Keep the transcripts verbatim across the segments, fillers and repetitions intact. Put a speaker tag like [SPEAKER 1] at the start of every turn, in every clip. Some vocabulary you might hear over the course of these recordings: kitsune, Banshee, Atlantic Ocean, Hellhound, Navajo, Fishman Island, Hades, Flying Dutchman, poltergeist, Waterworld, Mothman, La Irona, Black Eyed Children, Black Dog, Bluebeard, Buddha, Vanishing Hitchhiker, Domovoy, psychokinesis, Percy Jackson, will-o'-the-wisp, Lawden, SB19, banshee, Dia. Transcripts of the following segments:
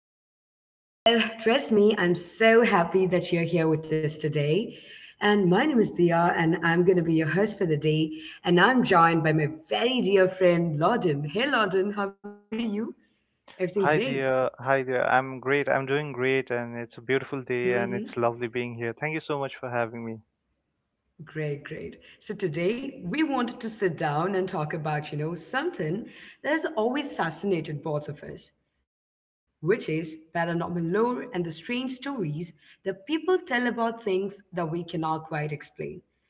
[SPEAKER 1] podcast. Well, trust me, I'm so happy that you're here with us today. And my name is Dia, and I'm going to be your host for the day. And I'm joined by my very dear friend, Lawden. Hey, Lawden, how are you? Everything's
[SPEAKER 2] Hi dear, hi dear. I'm great. I'm doing great, and it's a beautiful day,
[SPEAKER 1] great.
[SPEAKER 2] and it's lovely being here. Thank you so much for having me.
[SPEAKER 1] Great, great. So today we wanted to sit down and talk about, you know, something that has always fascinated both of us, which is paranormal lore and the strange stories that people tell about things that we cannot quite explain.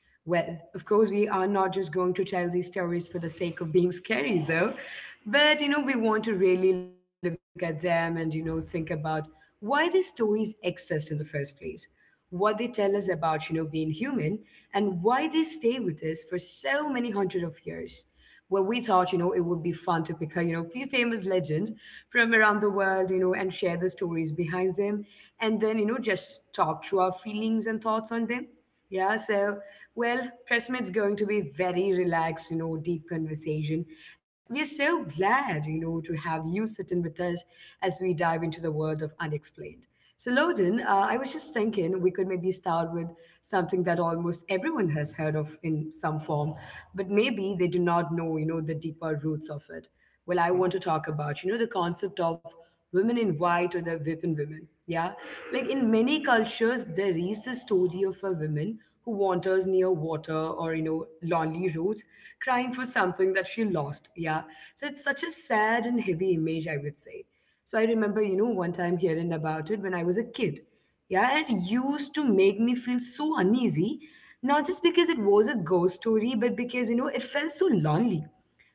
[SPEAKER 1] Well, of course, we are not just going to tell these stories for the sake of being scary, though. But, you know, we want to really look at them and, you know, think about why these stories exist in the first place, what they tell us about, you know, being human, and why they stay with us for so many hundred of years where we thought, you know, it would be fun to pick a, you know, few famous legends from around the world, you know, and share the stories behind them. And then, you know, just talk through our feelings and thoughts on them. Yeah, so, well, Pressmate's going to be very relaxed, you know, deep conversation. We are so glad, you know, to have you sitting with us as we dive into the world of unexplained. So, Loden, uh, I was just thinking we could maybe start with something that almost everyone has heard of in some form, but maybe they do not know, you know, the deeper roots of it. Well, I
[SPEAKER 2] Hmm?
[SPEAKER 1] want to talk about, you know, the concept of women in white or the whipping women. Yeah. Like in many cultures, there is the story of a woman who wanders near water or, you know, lonely roads crying for something that she lost. Yeah. So it's such a sad and heavy image, I would say. So I remember, you know, one time hearing about it when I was a kid. Yeah, and it used to make me feel so uneasy, not just because it was a ghost story, but because, you know, it felt so lonely.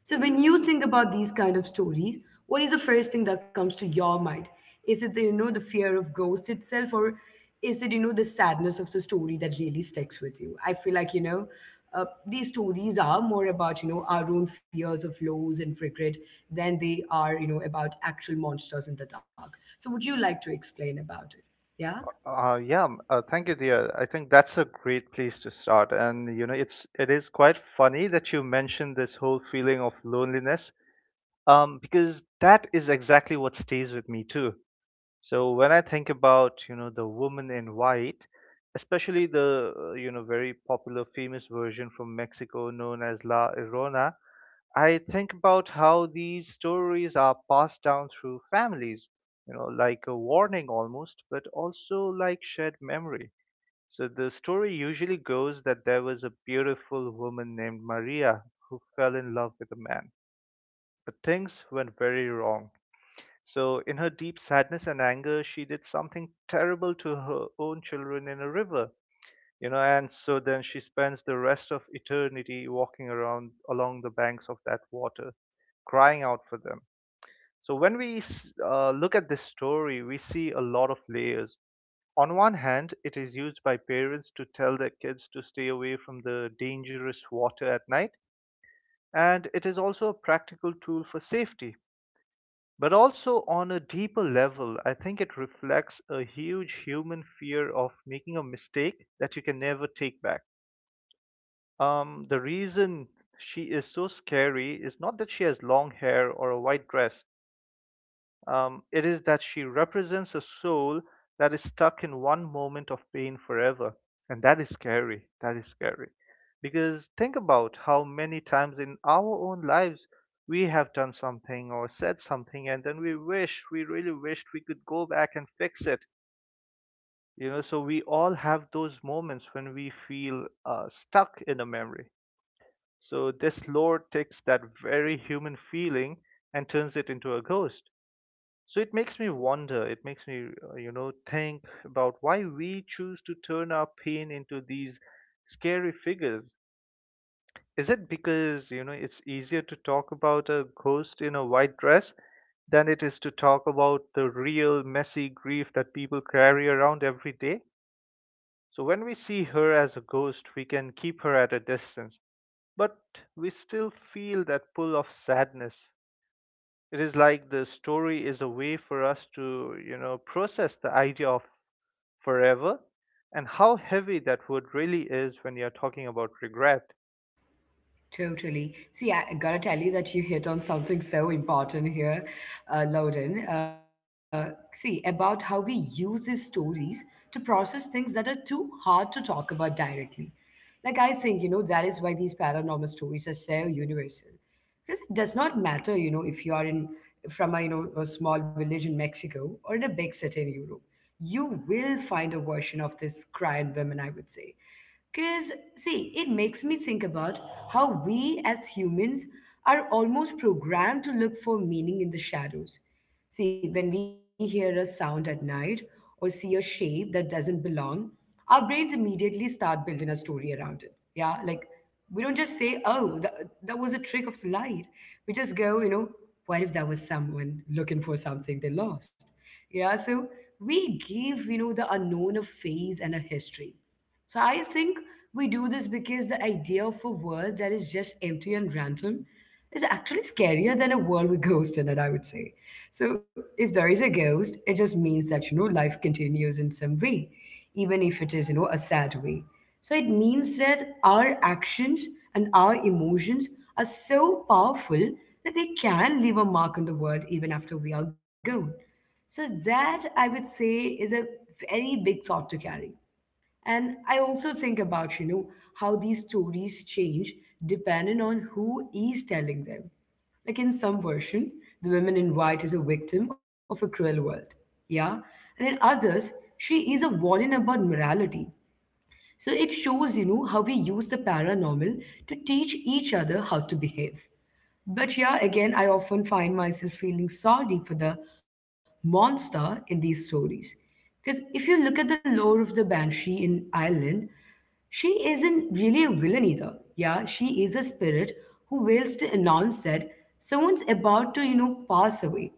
[SPEAKER 1] So when you think about these kind of stories, what is the first thing that comes to your mind? Is it the, you know, the fear of ghosts itself, or is it you know the sadness of the story that really sticks with you? I feel like, you know uh, these stories are more about, you know our own fears of lows and regret than they are, you know about actual monsters in the dark. So would you like to explain about it? Yeah.
[SPEAKER 2] Uh, yeah, m- uh, thank you, dear. I think that's a great place to start. And you know, it's it is quite funny that you mentioned this whole feeling of loneliness, um, because that is exactly what stays with me too. So when I think about you know the woman in white, especially the uh, you know very popular famous version from Mexico known as La Irona. I think about how these stories are passed down through families, you know, like a warning almost, but also like shared memory. So the story usually goes that there was a beautiful woman named Maria who fell in love with a man, but things went very wrong. So in her deep sadness and anger, she did something terrible to her own children in a river, you know. And so then she spends the rest of eternity walking around along the banks of that water, crying out for them. So when we uh, look at this story, we see a lot of layers. On one hand, it is used by parents to tell their kids to stay away from the dangerous water at night, and it is also a practical tool for safety. But also on a deeper level, I think it reflects a huge human fear of making a mistake that you can never take back. Um, the reason she is so scary is not that she has long hair or a white dress. Um, it is that she represents a soul that is stuck in one moment of pain forever. And that is scary. That is scary. Because think about how many times in our own lives we have done something or said something, and then we wish, we really wished we could go back and fix it. You know, so we all have those moments when we feel uh, stuck in a memory. So this lore takes that very human feeling and turns it into a ghost. So it makes me wonder, it makes me, uh, you know, think about why we choose to turn our pain into these scary figures. Is it because, you know, it's easier to talk about a ghost in a white dress than it is to talk about the real messy grief that people carry around every day? So when we see her as a ghost, we can keep her at a distance, but we still feel that pull of sadness. It is like the story is a way for us to, you know, process the idea of forever and how heavy that word really is when you're talking about regret.
[SPEAKER 1] Totally. See, I gotta tell you that you hit on something so important here, uh, Loden. Uh, see, about how we use these stories to process things that are too hard to talk about directly. Like, I think, you know, that is why these paranormal stories are so universal, because it does not matter, you know if you are in, from a, you know a small village in Mexico or in a big city in Europe, you will find a version of this cry and women, I would say. Because see, it makes me think about how we as humans are almost programmed to look for meaning in the shadows. See, when we hear a sound at night or see a shape that doesn't belong, our brains immediately start building a story around it. Yeah, like we don't just say, oh, that, that was a trick of the light. We just go, you know, what if that was someone looking for something they lost? Yeah, so we give, you know, the unknown a face and a history. So I think we do this because the idea of a world that is just empty and random is actually scarier than a world with ghosts in it, I would say. So if there is a ghost, it just means that, you know, life continues in some way, even if it is, you know, a sad way. So it means that our actions and our emotions are so powerful that they can leave a mark on the world even after we are gone. So that, I would say, is a very big thought to carry. And I also think about, you know, how these stories change depending on who is telling them. Like in some version, the woman in white is a victim of a cruel world. Yeah. And in others, she is a warning about morality. So it shows, you know, how we use the paranormal to teach each other how to behave. But yeah, again, I often find myself feeling sorry for the monster in these stories. Because if you look at the lore of the Banshee in Ireland, she isn't really a villain either. Yeah, she is a spirit who wails to announce that someone's about to, you know, pass away.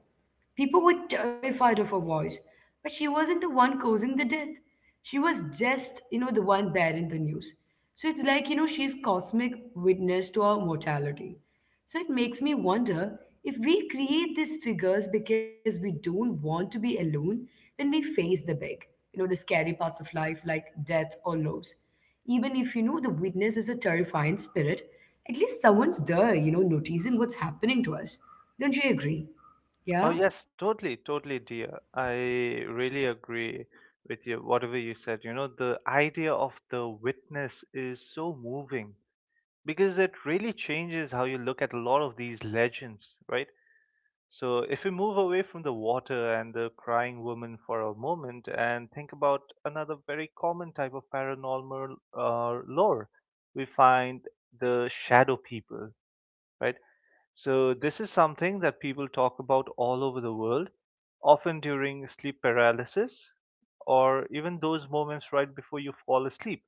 [SPEAKER 1] People were terrified of her voice, but she wasn't the one causing the death. She was just, you know, the one bearing the news. So it's like, you know, she's cosmic witness to our mortality. So it makes me wonder if we create these figures because we don't want to be alone when we face the big, you know, the scary parts of life like death or loss. Even if you know the witness is a terrifying spirit, at least someone's there, you know, noticing what's happening to us. Don't you agree?
[SPEAKER 2] Oh,
[SPEAKER 1] Yeah,
[SPEAKER 2] yes, totally, totally, dear. I really agree with you, whatever you said. You know, the idea of the witness is so moving because it really changes how you look at a lot of these legends, right? So, if we move away from the water and the crying woman for a moment and think about another very common type of paranormal uh, lore, we find the shadow people, right? So, this is something that people talk about all over the world, often during sleep paralysis or even those moments right before you fall asleep,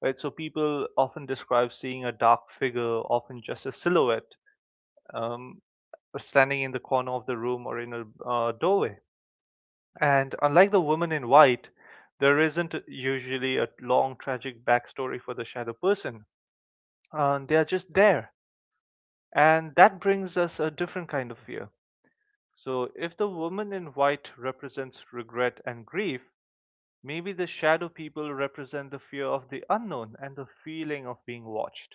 [SPEAKER 2] right? So, people often describe seeing a dark figure, often just a silhouette, um, standing in the corner of the room or in a uh, doorway. And unlike the woman in white, there isn't usually a long tragic backstory for the shadow person. Uh, they are just there. And that brings us a different kind of fear. So, if the woman in white represents regret and grief, maybe the shadow people represent the fear of the unknown and the feeling of being watched.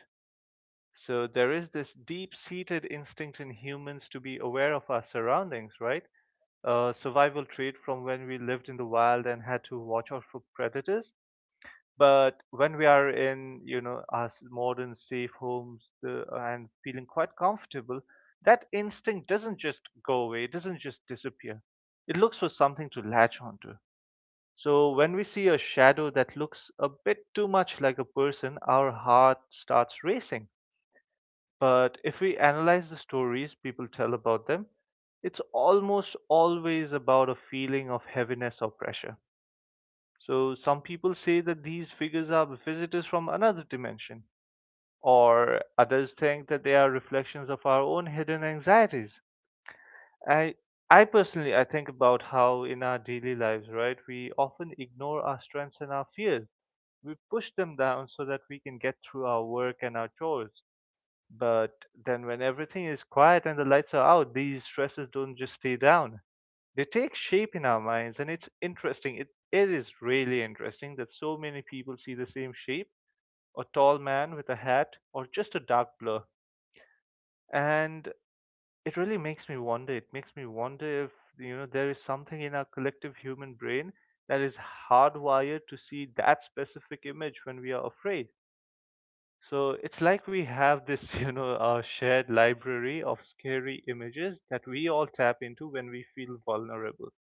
[SPEAKER 2] So, there is this deep seated instinct in humans to be aware of our surroundings, right? uh, survival trait from when we lived in the wild and had to watch out for predators. But when we are in, you know, our s- modern safe homes uh, and feeling quite comfortable, that instinct doesn't just go away, it doesn't just disappear. It looks for something to latch onto. So when we see a shadow that looks a bit too much like a person, our heart starts racing. But if we analyze the stories people tell about them, it's almost always about a feeling of heaviness or pressure. So some people say that these figures are visitors from another dimension, or others think that they are reflections of our own hidden anxieties. I I personally I think about how in our daily lives, right, we often ignore our strengths and our fears. We push them down so that we can get through our work and our chores. But then, when everything is quiet and the lights are out, these stresses don't just stay down. They take shape in our minds, and it's interesting. It, it is really interesting that so many people see the same shape, a tall man with a hat, or just a dark blur. And it really makes me wonder. It makes me wonder if, you know, there is something in our collective human brain that is hardwired to see that specific image when we are afraid. So it's like we have this, you know, uh, shared library of scary images that we all tap into when we feel vulnerable.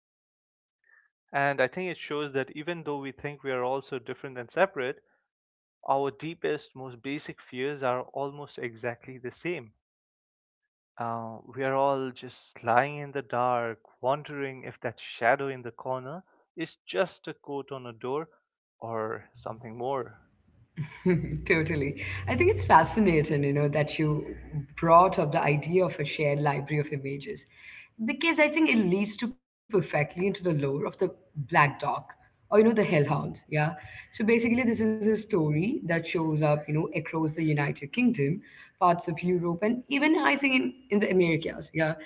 [SPEAKER 2] And I think it shows that even though we think we are all so different and separate, our deepest, most basic fears are almost exactly the same. Uh, we are all just lying in the dark, wondering if that shadow in the corner is just a coat on a door or something more.
[SPEAKER 1] totally. I think it's fascinating, you know, that you brought up the idea of a shared library of images, because I think it leads to perfectly into the lore of the Black Dog or, you know, the Hellhound. Yeah. So basically, this is a story that shows up, you know, across the United Kingdom, parts of Europe, and even I think in, in the Americas. Yeah.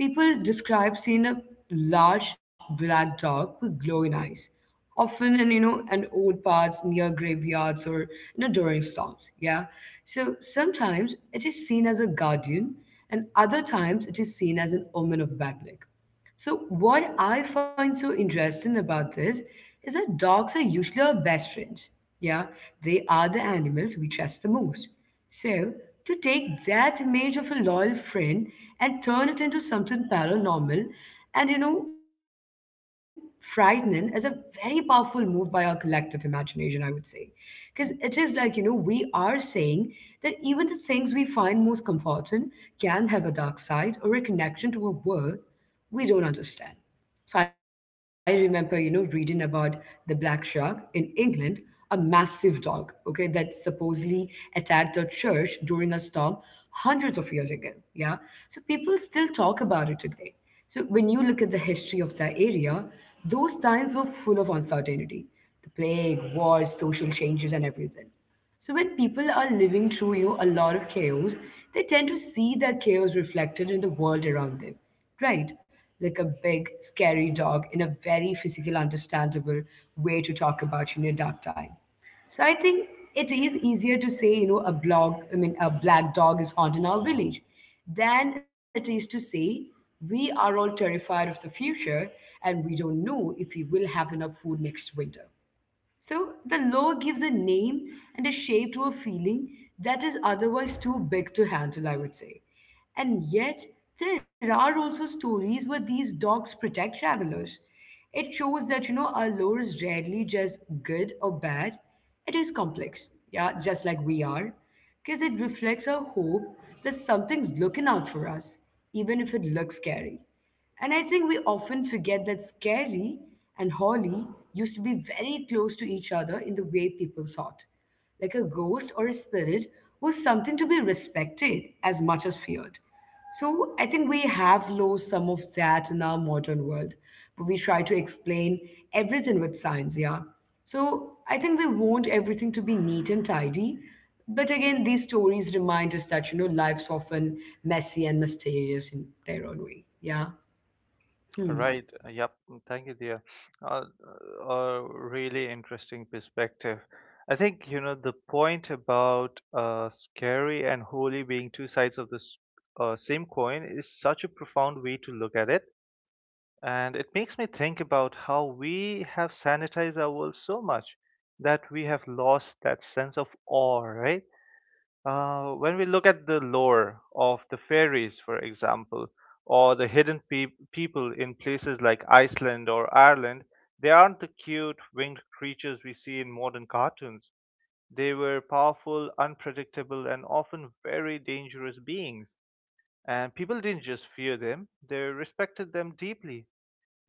[SPEAKER 1] People describe seeing a large black dog with glowing eyes, often in, you know an old paths near graveyards or, you know, during storms. Yeah. So sometimes it is seen as a guardian, and other times it is seen as an omen of bad luck. So, what I find so interesting about this is that dogs are usually our best friends. Yeah, they are the animals we trust the most. So, to take that image of a loyal friend and turn it into something paranormal and, you know, frightening is a very powerful move by our collective imagination, I would say. Because it is like, you know, we are saying that even the things we find most comforting can have a dark side or a connection to a world we don't understand. So I remember, you know, reading about the black shark in England, a massive dog, okay, that supposedly attacked a church during a storm hundreds of years ago. Yeah. So people still talk about it today. So when you look at the history of that area, those times were full of uncertainty. The plague, wars, social changes, and everything. So when people are living through you a lot of chaos, they tend to see that chaos reflected in the world around them, right? Like a big, scary dog in a very physical, understandable way to talk about you in a dark time. So I think it is easier to say, you know, a blog, I mean, a black dog is haunting our village, than it is to say we are all terrified of the future and we don't know if we will have enough food next winter. So the law gives a name and a shape to a feeling that is otherwise too big to handle, I would say. And yet, there are also stories where these dogs protect travelers. It shows that, you know, our lore is rarely just good or bad, it is complex, yeah, just like we are, because it reflects our hope that something's looking out for us, even if it looks scary. And I think we often forget that Scary and Holly used to be very close to each other in the way people thought. Like a ghost or a spirit was something to be respected as much as feared. So I think we have lost some of that in our modern world, but we try to explain everything with science, yeah. So I think we want everything to be neat and tidy, but again, these stories remind us that, you know, life's often messy and mysterious in their own way. Yeah,
[SPEAKER 2] Right. uh, Yep. mm, Thank you, dear. Uh, uh, a really interesting perspective. I think you know the point about uh, scary and holy being two sides of the s- uh, same coin is such a profound way to look at it, and it makes me think about how we have sanitized our world so much that we have lost that sense of awe, right? Uh, when we look at the lore of the fairies, for example, or the hidden peop people in places like Iceland or Ireland, they aren't the cute winged creatures we see in modern cartoons. They were powerful, unpredictable, and often very dangerous beings. And people didn't just fear them, they respected them deeply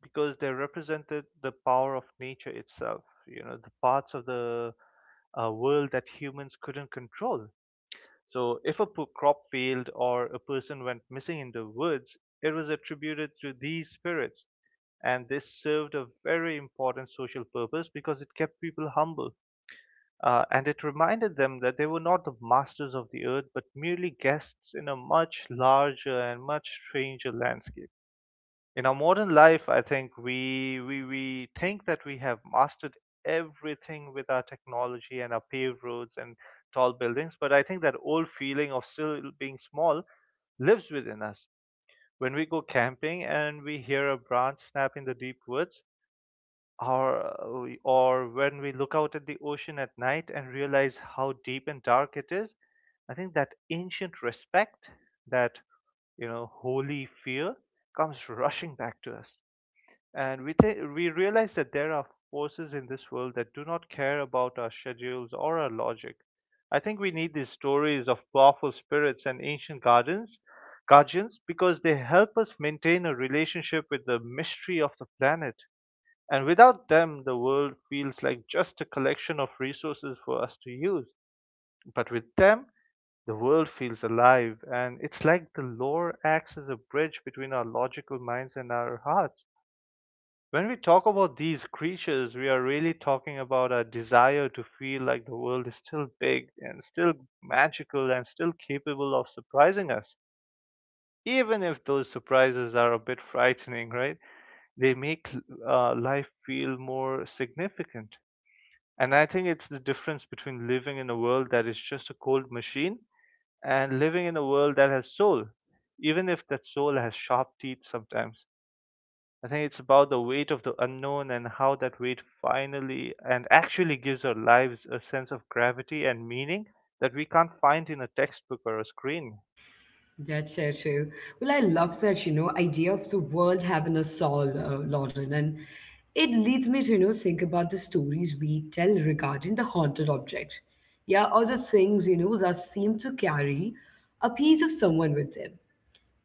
[SPEAKER 2] because they represented the power of nature itself, you know, the parts of the uh, world that humans couldn't control. So, if a p- crop failed or a person went missing in the woods, it was attributed to these spirits, and this served a very important social purpose because it kept people humble. Uh, and it reminded them that they were not the masters of the earth, but merely guests in a much larger and much stranger landscape. In our modern life, I think we we we think that we have mastered everything with our technology and our paved roads and tall buildings, but I think that old feeling of still being small lives within us. When we go camping and we hear a branch snap in the deep woods, or uh, or when we look out at the ocean at night and realize how deep and dark it is, I think that ancient respect, that you know holy fear, comes rushing back to us. And we, th- we realize that there are forces in this world that do not care about our schedules or our logic. I think we need these stories of powerful spirits and ancient gardens, guardians, because they help us maintain a relationship with the mystery of the planet. And without them, the world feels like just a collection of resources for us to use. But with them, the world feels alive, and it's like the lore acts as a bridge between our logical minds and our hearts. When we talk about these creatures, we are really talking about a desire to feel like the world is still big and still magical and still capable of surprising us. Even if those surprises are a bit frightening, right? They make uh, life feel more significant. And I think it's the difference between living in a world that is just a cold machine and living in a world that has soul, even if that soul has sharp teeth sometimes. I think it's about the weight of the unknown and how that weight finally and actually gives our lives a sense of gravity and meaning that we can't find in a textbook or a screen.
[SPEAKER 1] that's so true. Well, I love that, you know, idea of the world having a soul, uh, Lauren. And it leads me to, you know, think about the stories we tell regarding the haunted objects. Yeah, or the things, you know, that seem to carry a piece of someone with them.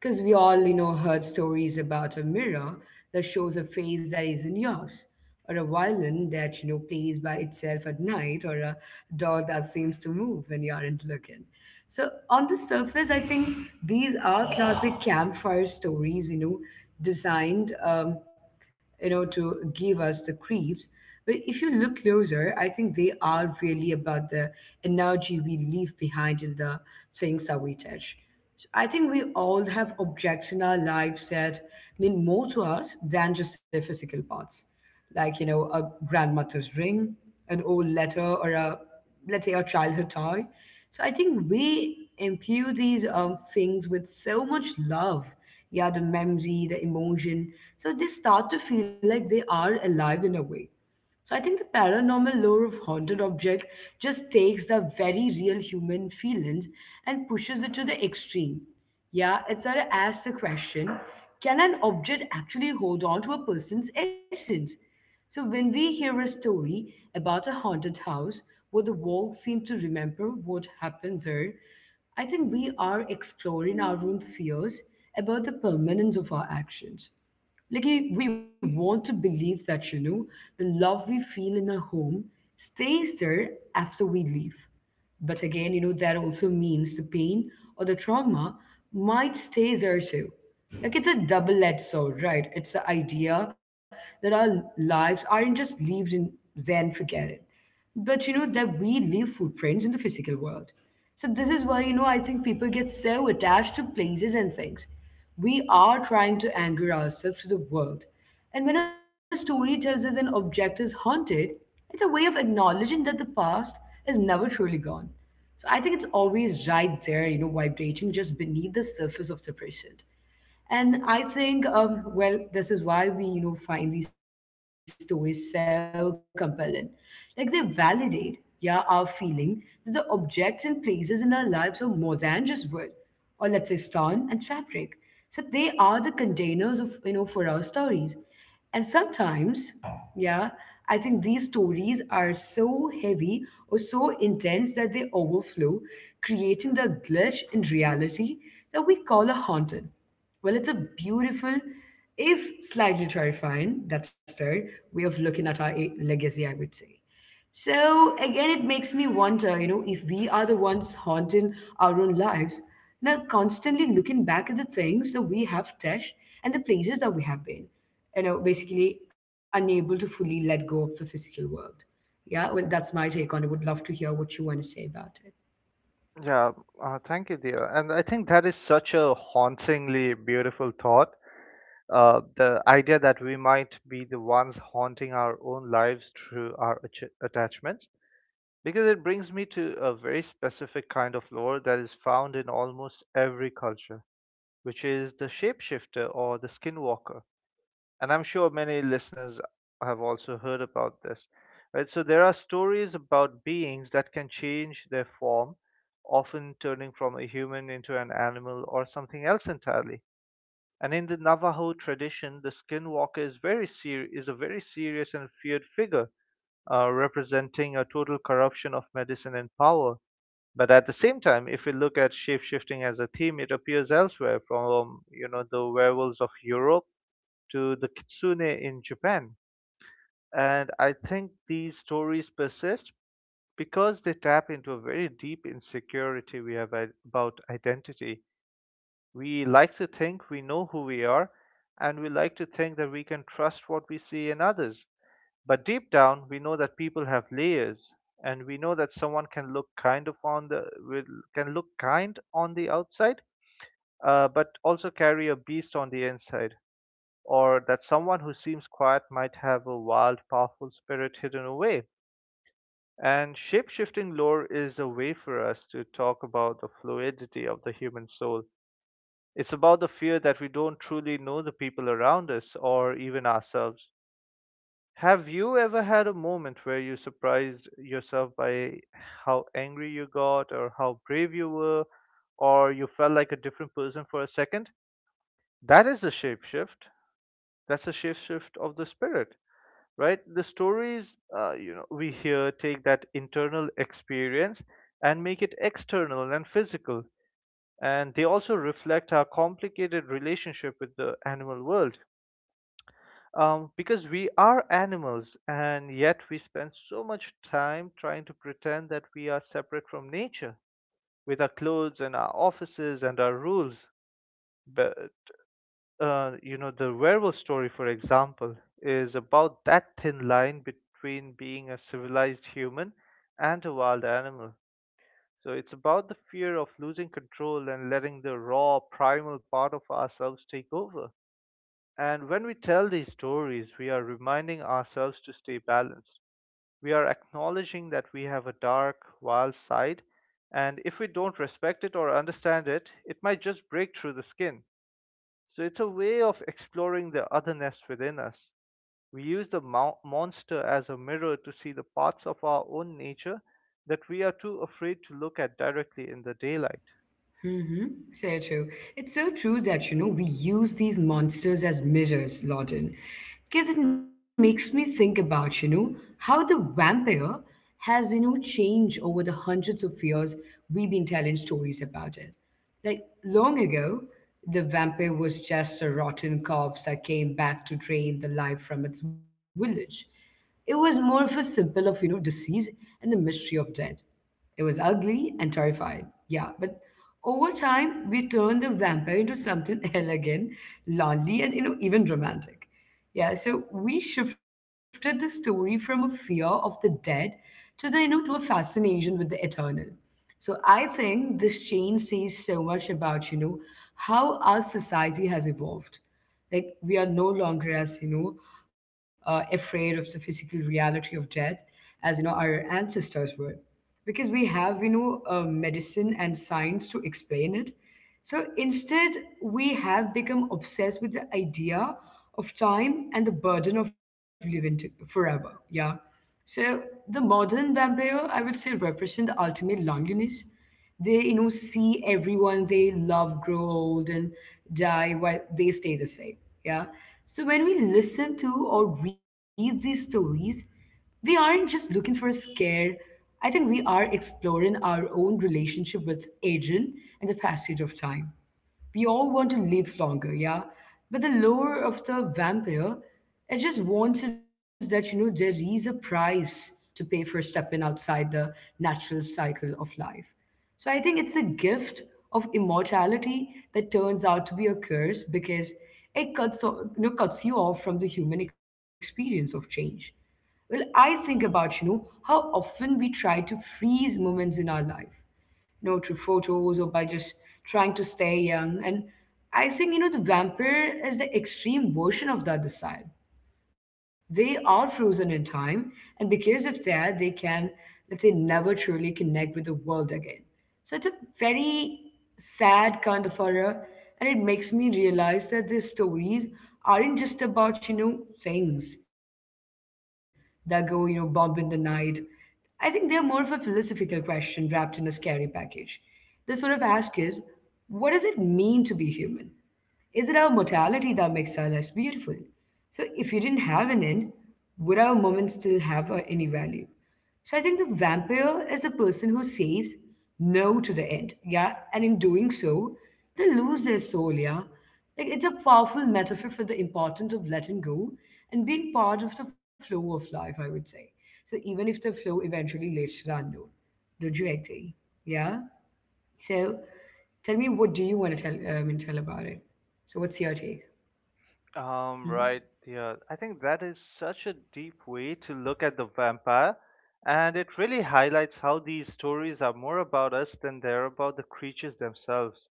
[SPEAKER 1] Because we all, you know, heard stories about a mirror that shows a face that isn't yours, or a violin that, you know, plays by itself at night, or a dog that seems to move when you aren't looking. So, on the surface, I think these are classic campfire stories, you know, designed. Um, you know, to give us the creeps. But if you look closer, I think they are really about the energy we leave behind in the things that we touch. So I think we all have objects in our lives that mean more to us than just their physical parts like, you know, a grandmother's ring, an old letter, or a, let's say, a childhood toy. So I think we imbue these um, things with so much love. Yeah, the memory, the emotion. So they start to feel like they are alive in a way. So I think the paranormal lore of haunted object just takes the very real human feelings and pushes it to the extreme. Yeah, it sort of asks the question, can an object actually hold on to a person's essence? So when we hear a story about a haunted house where the walls seem to remember what happened there, I think we are exploring our own fears about the permanence of our actions. Like eh, we want to believe that, you know, the love we feel in a home stays there after we leave. But again, you know, that also means the pain or the trauma might stay there too. Like it's a double-edged sword, right? It's the idea that our lives aren't just lived in then forget it but you know that we leave footprints in the physical world. So this is why you know I think people get so attached to places and things. We are trying to anchor ourselves to the world, and when a story tells us an object is haunted, it's a way of acknowledging that the past is never truly gone. So I think it's always right there, you know vibrating just beneath the surface of the present. And I think, um, well, this is why we, you know, find these stories so compelling. Like they validate, yeah, our feeling that the objects and places in our lives are more than just wood, or let's say stone and fabric. So they are the containers of, you know, for our stories. And sometimes, yeah, I think these stories are so heavy or so intense that they overflow, creating the glitch in reality that we call a haunted. Well, it's a beautiful, if slightly terrifying, that's third way of looking at our eh, legacy, I would say. So again, it makes me wonder, you know, if we are the ones haunting our own lives, now constantly looking back at the things that we have touched and the places that we have been, you know, basically unable to fully let go of the physical world. Yeah, well, that's my take on it. Would love to hear what you want to say about it.
[SPEAKER 2] Yeah, uh, thank you, dear. And I think that is such a hauntingly beautiful thought. Uh, the idea that we might be the ones haunting our own lives through our ach- attachments. Because it brings me to a very specific kind of lore that is found in almost every culture, which is the shapeshifter or the skinwalker. And I'm sure many listeners have also heard about this, right? So there are stories about beings that can change their form, often turning from a human into an animal or something else entirely. And in the Navajo tradition, the skinwalker is very ser- is a very serious and feared figure, uh, representing a total corruption of medicine and power. But at the same time, if we look at shape-shifting as a theme, it appears elsewhere, from you know the werewolves of Europe to the kitsune in Japan. And I think these stories persist because they tap into a very deep insecurity we have about identity. We like to think we know who we are, and we like to think that we can trust what we see in others. But deep down, we know that people have layers, and we know that someone can look kind of on the will can look kind on the outside, uh, but also carry a beast on the inside, or that someone who seems quiet might have a wild, powerful spirit hidden away. And shape-shifting lore is a way for us to talk about the fluidity of the human soul. It's about the fear that we don't truly know the people around us or even ourselves. Have you ever had a moment where you surprised yourself by how angry you got, or how brave you were, or you felt like a different person for a second? That is the shape shift. That's the shape shift of the spirit, right? The stories uh, you know, we hear take that internal experience and make it external and physical, and they also reflect our complicated relationship with the animal world, um, because we are animals and yet we spend so much time trying to pretend that we are separate from nature with our clothes and our offices and our rules. But, uh, you know, the werewolf story, for example, is about that thin line between being a civilized human and a wild animal. So it's about the fear of losing control and letting the raw, primal part of ourselves take over. And when we tell these stories, we are reminding ourselves to stay balanced. We are acknowledging that we have a dark, wild side, and if we don't respect it or understand it, it might just break through the skin. So it's a way of exploring the otherness within us. We use the mo- monster as a mirror to see the parts of our own nature that we are too afraid to look at directly in the daylight.
[SPEAKER 1] Mm-hmm. So true. It's so true that, you know, we use these monsters as mirrors, Lawton. Because it makes me think about, you know, how the vampire has, you know, changed over the hundreds of years we've been telling stories about it. Like, long ago, the vampire was just a rotten corpse that came back to drain the life from its village. It was more of a symbol of, you know, disease and the mystery of death. It was ugly and terrifying. Yeah, but over time, we turned the vampire into something elegant, lonely, and you know, even romantic. Yeah, so we shifted the story from a fear of the dead to the you know to a fascination with the eternal. So I think this change says so much about you know how our society has evolved. Like we are no longer as you know uh, afraid of the physical reality of death as you know our ancestors were because we have you know uh, medicine and science to explain it. So instead we have become obsessed with the idea of time and the burden of living to- forever, yeah. So the modern vampire, I would say, represent the ultimate loneliness. They, you know, see everyone they love grow old and die while they stay the same. Yeah. So when we listen to or read these stories, we aren't just looking for a scare. I think we are exploring our own relationship with aging and the passage of time. We all want to live longer, yeah? But the lure of the vampire, it just warns us that, you know, there is a price to pay for stepping outside the natural cycle of life. So I think it's a gift of immortality that turns out to be a curse because it cuts, o- you know, cuts you off from the human experience of change. Well, I think about, you know, how often we try to freeze moments in our life, you know, through photos or by just trying to stay young. And I think, you know, the vampire is the extreme version of that desire. They are frozen in time, and because of that, they can, let's say, never truly connect with the world again. So it's a very sad kind of horror, and it makes me realize that these stories aren't just about, you know, things that go, you know, bump in the night. I think they're more of a philosophical question wrapped in a scary package. They sort of ask is, what does it mean to be human? Is it our mortality that makes our lives beautiful? So, if you didn't have an end, would our moments still have uh, any value? So, I think the vampire is a person who says no to the end, yeah, and in doing so, they lose their soul, yeah. Like, it's a powerful metaphor for the importance of letting go and being part of the flow of life, I would say. So, even if the flow eventually leads to the unknown. Don't you agree? Yeah? So tell me, what do you want to tell, uh, I mean, tell about it? So what's your take?
[SPEAKER 2] Um, right, yeah. I think that is such a deep way to look at the vampire, and it really highlights how these stories are more about us than they're about the creatures themselves,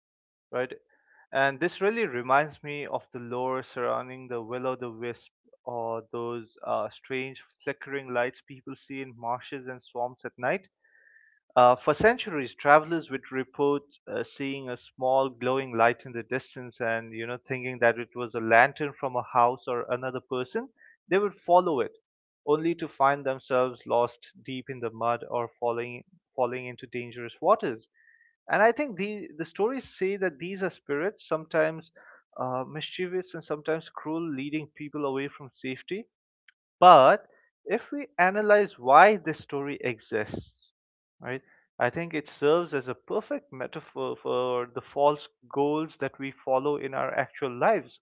[SPEAKER 2] right? And this really reminds me of the lore surrounding the will-o'-the-wisp or those uh, strange flickering lights people see in marshes and swamps at night. Uh, for centuries, travelers would report uh, seeing a small glowing light in the distance and, you know, thinking that it was a lantern from a house or another person. They would follow it, only to find themselves lost deep in the mud or falling falling into dangerous waters. And I think the the stories say that these are spirits, sometimes uh, mischievous and sometimes cruel, leading people away from safety. But if we analyze why this story exists, right, I think it serves as a perfect metaphor for the false goals that we follow in our actual lives.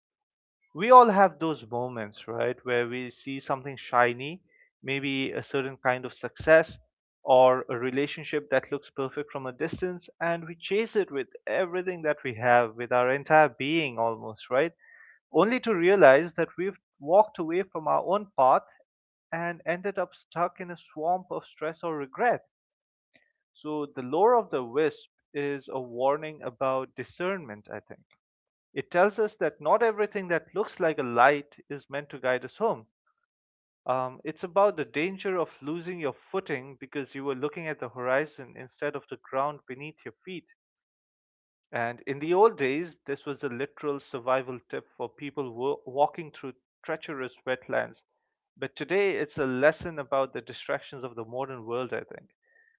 [SPEAKER 2] We all have those moments, right, where we see something shiny, maybe a certain kind of success or a relationship that looks perfect from a distance, and we chase it with everything that we have, with our entire being almost, right? Only to realize that we've walked away from our own path and ended up stuck in a swamp of stress or regret. So, the lore of the wisp is a warning about discernment, I think. It tells us that not everything that looks like a light is meant to guide us home. Um, it's about the danger of losing your footing because you were looking at the horizon instead of the ground beneath your feet. And in the old days, this was a literal survival tip for people wa- walking through treacherous wetlands. But today, it's a lesson about the distractions of the modern world, I think.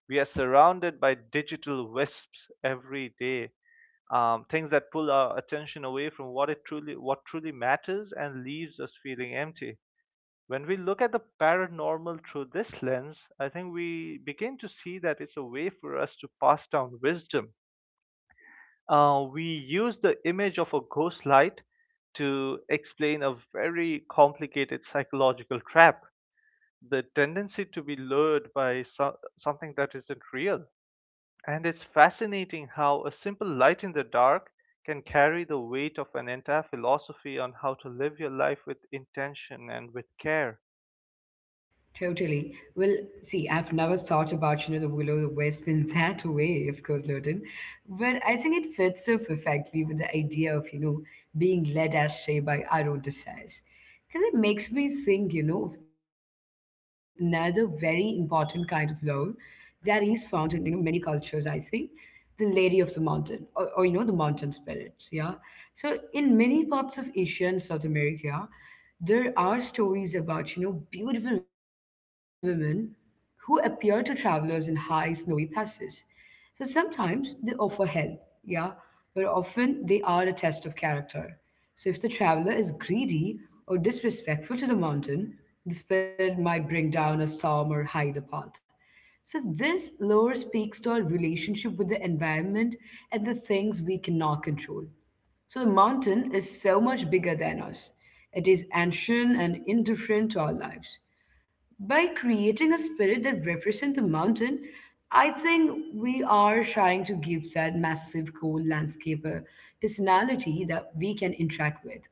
[SPEAKER 2] We are surrounded by digital wisps every day, um, things that pull our attention away from what it truly, what truly matters, and leaves us feeling empty. When we look at the paranormal through this lens, I think we begin to see that it's a way for us to pass down wisdom. Uh, we use the image of a ghost light to explain a very complicated psychological trap, the tendency to be lured by so- something that isn't real. And it's fascinating how a simple light in the dark can carry the weight of an entire philosophy on how to live your life with intention and with care.
[SPEAKER 1] Totally. Well, see, I've never thought about, you know, the Willow Wisp in that way, of course, Loden. But I think it fits so perfectly with the idea of, you know, being led astray by our own desires. Because it makes me think, you know, of another very important kind of love that is found in, you know, many cultures, I think. The lady of the mountain, or, or you know the mountain spirits, yeah. So in many parts of Asia and South America there are stories about, you know beautiful women who appear to travelers in high snowy passes. So sometimes they offer help, yeah, but often they are a test of character. So if the traveler is greedy or disrespectful to the mountain, the spirit might bring down a storm or hide the path. So this lower speaks to our relationship with the environment and the things we cannot control. So the mountain is so much bigger than us. It is ancient and indifferent to our lives. By creating a spirit that represents the mountain, I think we are trying to give that massive cold landscape a personality that we can interact with.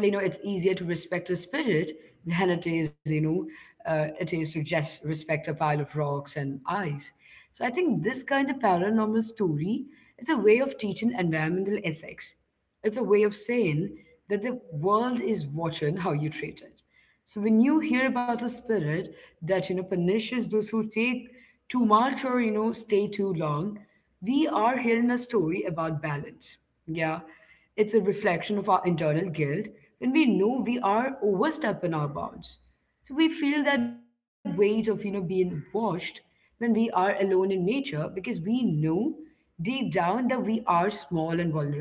[SPEAKER 1] Well, you know, it's easier to respect a spirit than it is, you know, uh, it is to just respect a pile of rocks and ice. So I think this kind of paranormal story is a way of teaching environmental ethics. It's a way of saying that the world is watching how you treat it. So when you hear about a spirit that you know punishes those who take too much or you know stay too long, we are hearing a story about balance. Yeah, it's a reflection of our internal guilt when we know we are overstepping our bounds. So we feel that weight of you know being watched when we are alone in nature because we know deep down that we are small and vulnerable.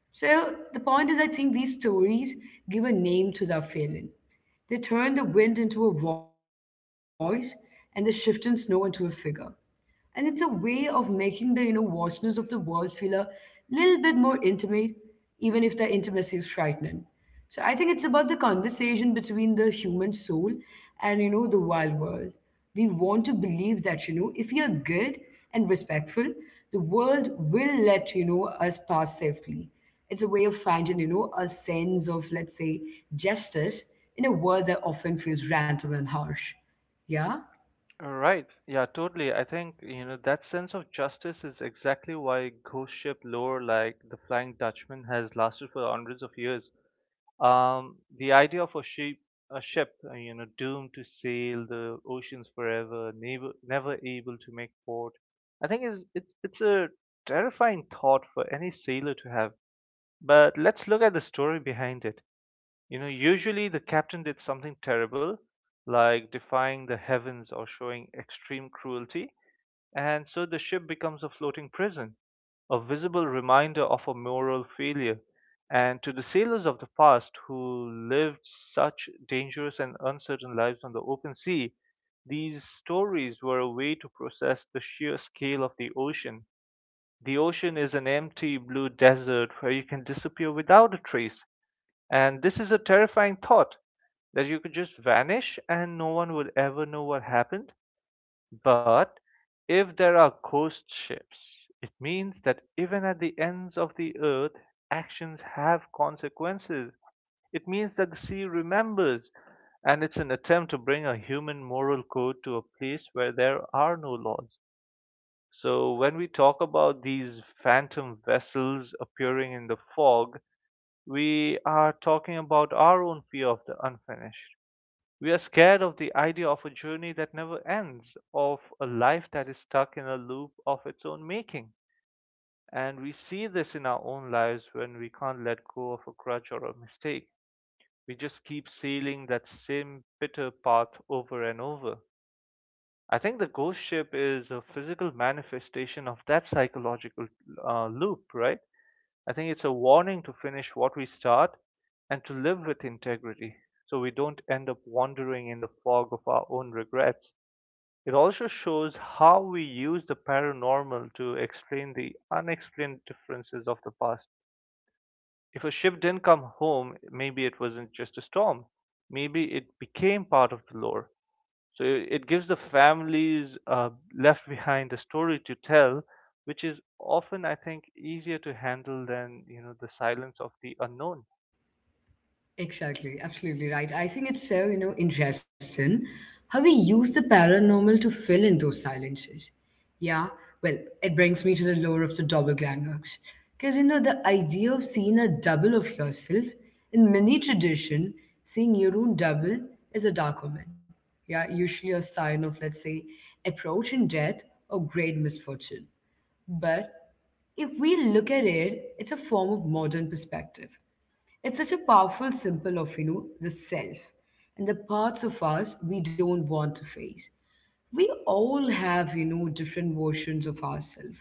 [SPEAKER 1] So the point is, I think these stories give a name to their feeling. They turn the wind into a voice and the shifting snow into a figure. And it's a way of making the, you know, vastness of the world feel a little bit more intimate, even if the intimacy is frightening. So I think it's about the conversation between the human soul and, you know, the wild world. We want to believe that, you know, if you're good and respectful, the world will let, you know, us pass safely. It's a way of finding, you know, a sense of, let's say, justice in a world that often feels random and harsh. Yeah?
[SPEAKER 2] Right. Yeah, totally. I think, you know, that sense of justice is exactly why ghost ship lore like the Flying Dutchman has lasted for hundreds of years. Um, the idea of a sheep, a ship, uh, you know, doomed to sail the oceans forever, never, never able to make port, I think is it's it's a terrifying thought for any sailor to have. But let's look at the story behind it. You know, usually the captain did something terrible, like defying the heavens or showing extreme cruelty. And so the ship becomes a floating prison, a visible reminder of a moral failure. And to the sailors of the past who lived such dangerous and uncertain lives on the open sea, these stories were a way to process the sheer scale of the ocean. The ocean is an empty blue desert where you can disappear without a trace. And this is a terrifying thought that you could just vanish and no one would ever know what happened. But if there are ghost ships, it means that even at the ends of the earth, actions have consequences. It means that the sea remembers, and it's an attempt to bring a human moral code to a place where there are no laws. So when we talk about these phantom vessels appearing in the fog, we are talking about our own fear of the unfinished. We are scared of the idea of a journey that never ends, of a life that is stuck in a loop of its own making. And we see this in our own lives when we can't let go of a grudge or a mistake. We just keep sailing that same bitter path over and over. I think the ghost ship is a physical manifestation of that psychological uh, loop, right? I think it's a warning to finish what we start and to live with integrity so we don't end up wandering in the fog of our own regrets. It also shows how we use the paranormal to explain the unexplained differences of the past. If a ship didn't come home, maybe it wasn't just a storm, maybe it became part of the lore. So it gives the families uh, left behind a story to tell, which is often, I think, easier to handle than, you know, the silence of the unknown.
[SPEAKER 1] Exactly, absolutely right. I think it's so, you know, interesting how we use the paranormal to fill in those silences. Yeah, well, it brings me to the lore of the doppelgangers. Because, you know, the idea of seeing a double of yourself, in many tradition, seeing your own double is a dark omen. Yeah, usually a sign of, let's say, approaching death or great misfortune. But if we look at it, it's a form of modern perspective. It's such a powerful symbol of, you know, the self and the parts of us we don't want to face. We all have, you know, different versions of ourselves.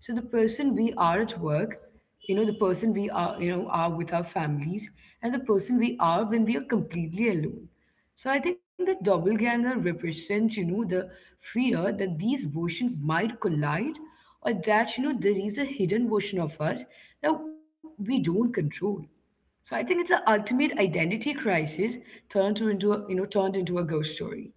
[SPEAKER 1] So the person we are at work, you know, the person we are, you know, are with our families, and the person we are when we are completely alone. So I think that doppelganger represents, you know, the fear that these versions might collide or that, you know, there is a hidden version of us that we don't control. So I think it's an ultimate identity crisis turned to into a, you know turned into a ghost story.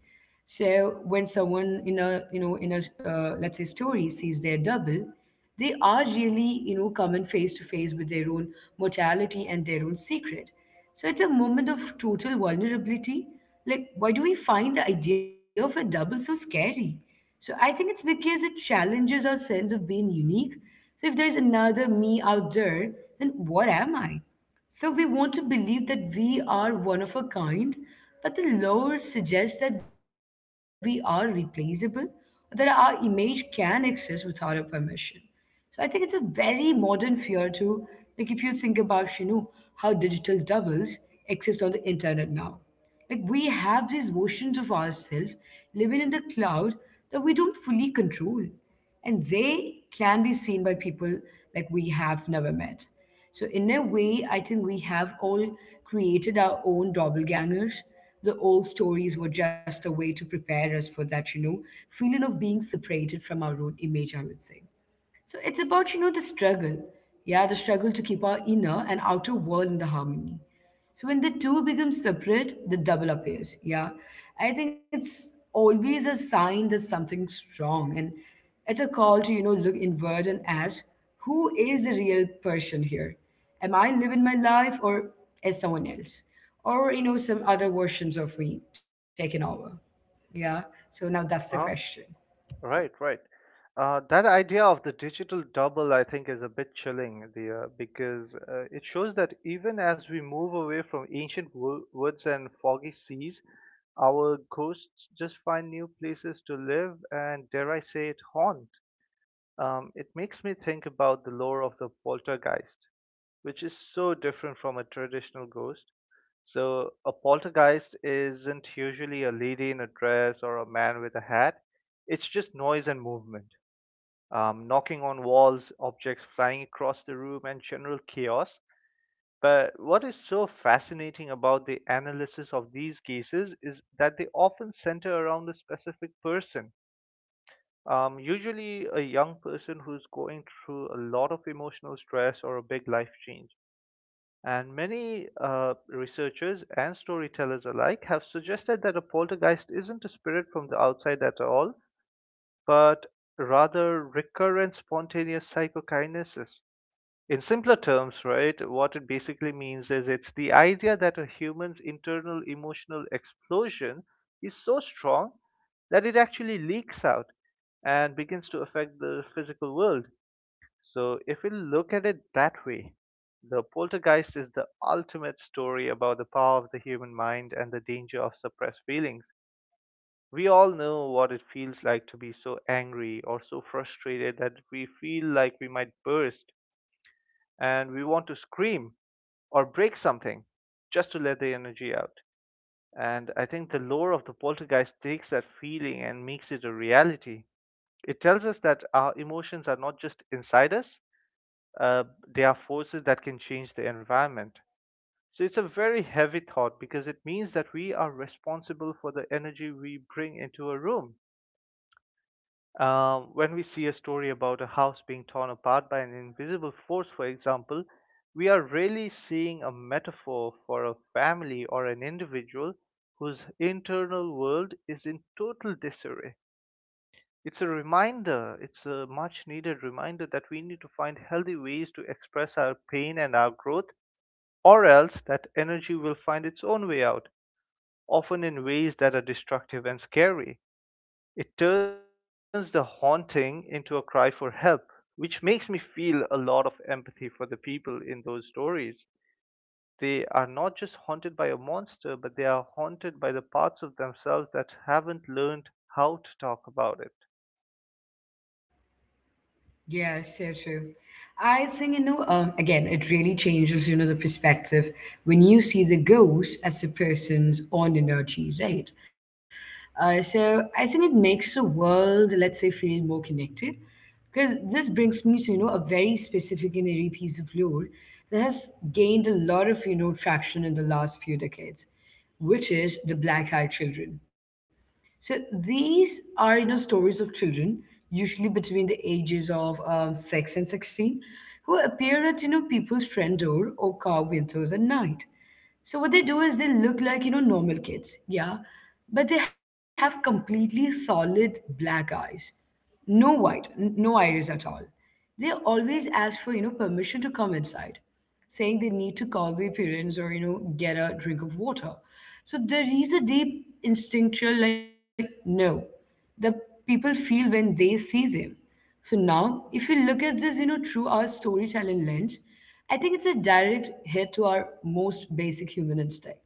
[SPEAKER 1] So when someone in a you know in a uh, let's say story sees their double, they are really, you know, coming face to face with their own mortality and their own secret. So it's a moment of total vulnerability. Like why do we find the idea of a double so scary? So I think it's because it challenges our sense of being unique. So if there is another me out there, then what am I? So we want to believe that we are one of a kind, but the law suggests that we are replaceable, that our image can exist without our permission. So I think it's a very modern fear too. Like if you think about, you know, how digital doubles exist on the internet now. Like we have these versions of ourselves living in the cloud that we don't fully control. And they can be seen by people like we have never met. So, in a way, I think we have all created our own doppelgangers. The old stories were just a way to prepare us for that, you know, feeling of being separated from our own image, I would say. So it's about, you know, the struggle. Yeah, the struggle to keep our inner and outer world in the harmony. So when the two become separate, the double appears. Yeah. I think it's always a sign that something's wrong. And it's a call to, you know, look inward and ask, who is the real person here? Am I living my life or is someone else? Or, you know, some other versions of me taking over? Yeah. So now that's the
[SPEAKER 2] Uh-huh.
[SPEAKER 1] question.
[SPEAKER 2] Right, right. Uh, that idea of the digital double, I think, is a bit chilling, the, uh, because uh, it shows that even as we move away from ancient wo- woods and foggy seas, our ghosts just find new places to live and, dare I say it, haunt. Um, it makes me think about the lore of the poltergeist, which is so different from a traditional ghost. So, a poltergeist isn't usually a lady in a dress or a man with a hat. It's just noise and movement, um, knocking on walls, objects flying across the room, and general chaos. But what is so fascinating about the analysis of these cases is that they often center around a specific person, um, usually a young person who's going through a lot of emotional stress or a big life change. And many uh, researchers and storytellers alike have suggested that a poltergeist isn't a spirit from the outside at all, but rather recurrent spontaneous psychokinesis. In simpler terms, right, what it basically means is it's the idea that a human's internal emotional explosion is so strong that it actually leaks out and begins to affect the physical world. So, if we look at it that way, the poltergeist is the ultimate story about the power of the human mind and the danger of suppressed feelings. We all know what it feels like to be so angry or so frustrated that we feel like we might burst, and we want to scream or break something just to let the energy out. And I think the lore of the poltergeist takes that feeling and makes it a reality. It tells us that our emotions are not just inside us, uh, they are forces that can change the environment. So it's a very heavy thought because it means that we are responsible for the energy we bring into a room. Um, when we see a story about a house being torn apart by an invisible force, for example, we are really seeing a metaphor for a family or an individual whose internal world is in total disarray. It's a reminder, it's a much needed reminder that we need to find healthy ways to express our pain and our growth, or else that energy will find its own way out, often in ways that are destructive and scary. It turns the haunting into a cry for help, which makes me feel a lot of empathy for the people in those stories. They are not just haunted by a monster, but they are haunted by the parts of themselves that haven't learned how to talk about it.
[SPEAKER 1] Yeah, so true. I think, you know, um, again, it really changes, you know, the perspective when you see the ghost as a person's own energy, right? Uh, so I think it makes the world, let's say, feel more connected. Because this brings me to, you know, a very specific and eerie piece of lore that has gained a lot of, you know, traction in the last few decades, which is the Black Eyed Children. So these are, you know, stories of children, usually between the ages of um, six and sixteen, who appear at, you know, people's front door or car windows at night. So what they do is they look like, you know, normal kids, yeah, but they have completely solid black eyes. No white, n- no iris at all. They always ask for, you know, permission to come inside, saying they need to call their parents or, you know, get a drink of water. So there is a deep instinctual, like, no, the people feel when they see them. So now, if you look at this, you know, through our storytelling lens, I think it's a direct hit to our most basic human instinct,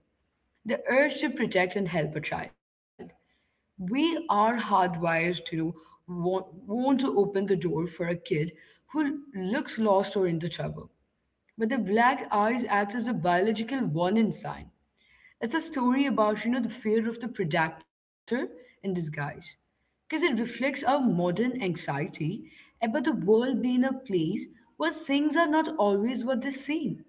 [SPEAKER 1] the urge to protect and help a child. We are hardwired to, you know, want, want to open the door for a kid who looks lost or into trouble. But the black eyes act as a biological warning sign. It's a story about, you know, the fear of the predator in disguise, because it reflects our modern anxiety about the world being a place where things are not always what they seem.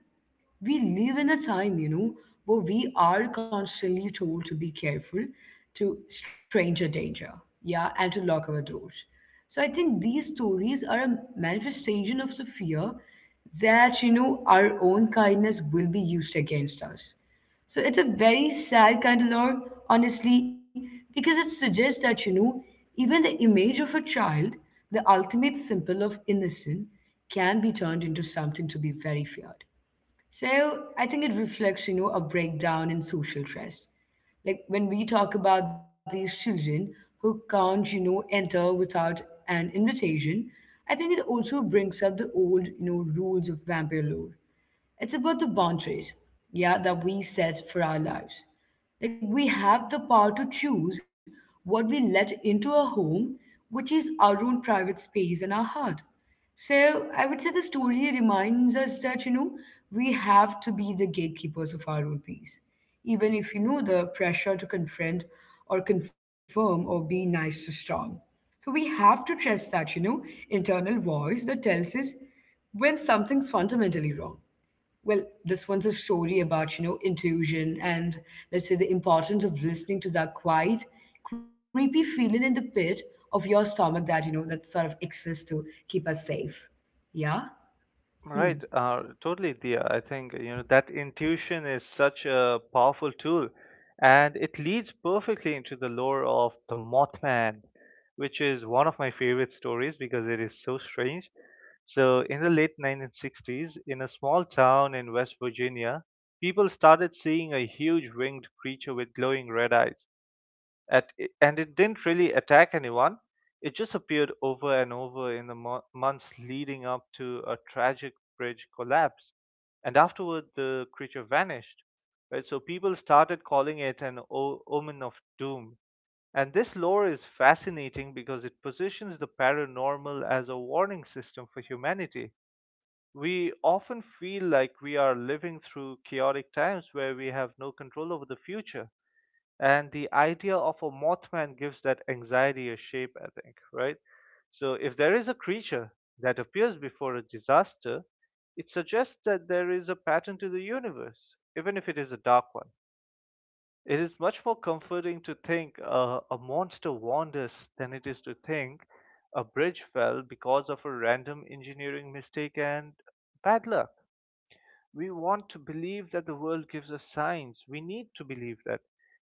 [SPEAKER 1] We live in a time, you know, where we are constantly told to be careful, to stranger danger, yeah, and to lock our doors. So I think these stories are a manifestation of the fear that, you know, our own kindness will be used against us. So it's a very sad kind of lore, honestly, because it suggests that, you know, even the image of a child, the ultimate symbol of innocence, can be turned into something to be very feared. So I think it reflects, you know, a breakdown in social trust. Like when we talk about these children who can't, you know, enter without an invitation, I think it also brings up the old, you know, rules of vampire lore. It's about the boundaries, yeah, that we set for our lives. Like we have the power to choose what we let into our home, which is our own private space and our heart. So I would say the story reminds us that, you know, we have to be the gatekeepers of our own peace, even if, you know, the pressure to confront or confirm or be nice to strong. So we have to trust that, you know, internal voice that tells us when something's fundamentally wrong. Well, this one's a story about, you know, intuition and, let's say, the importance of listening to that quiet creepy feeling in the pit of your stomach that, you know, that sort of exists to keep us safe. Yeah.
[SPEAKER 2] Right, uh, totally, Dia. I think you know that intuition is such a powerful tool, and it leads perfectly into the lore of the Mothman, which is one of my favorite stories because it is so strange. So, in the late nineteen sixties, in a small town in West Virginia, people started seeing a huge winged creature with glowing red eyes. At, and it didn't really attack anyone. It just appeared over and over in the mo- months leading up to a tragic bridge collapse. And afterward, the creature vanished. Right? So people started calling it an o- omen of doom. And this lore is fascinating because it positions the paranormal as a warning system for humanity. We often feel like we are living through chaotic times where we have no control over the future. And the idea of a Mothman gives that anxiety a shape, I think, right? So if there is a creature that appears before a disaster, it suggests that there is a pattern to the universe, even if it is a dark one. It is much more comforting to think uh, a monster warned us than it is to think a bridge fell because of a random engineering mistake and bad luck. We want to believe that the world gives us signs. We need to believe that.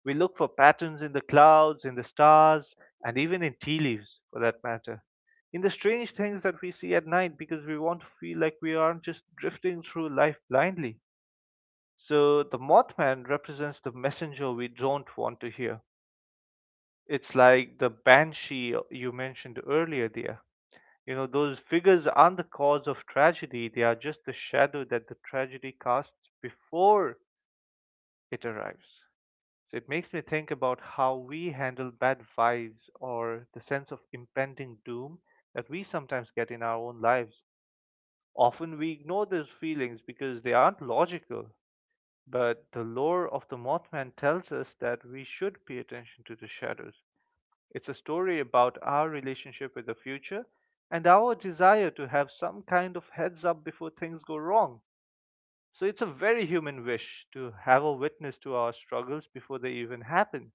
[SPEAKER 2] We look for patterns in the clouds, in the stars, and even in tea leaves, for that matter. In the strange things that we see at night, because we want to feel like we aren't just drifting through life blindly. So the Mothman represents the messenger we don't want to hear. It's like the banshee you mentioned earlier, dear. You know, those figures aren't the cause of tragedy, they are just the shadow that the tragedy casts before it arrives. So it makes me think about how we handle bad vibes or the sense of impending doom that we sometimes get in our own lives. Often we ignore those feelings because they aren't logical, but the lore of the Mothman tells us that we should pay attention to the shadows. It's a story about our relationship with the future and our desire to have some kind of heads up before things go wrong. So it's a very human wish to have a witness to our struggles before they even happen,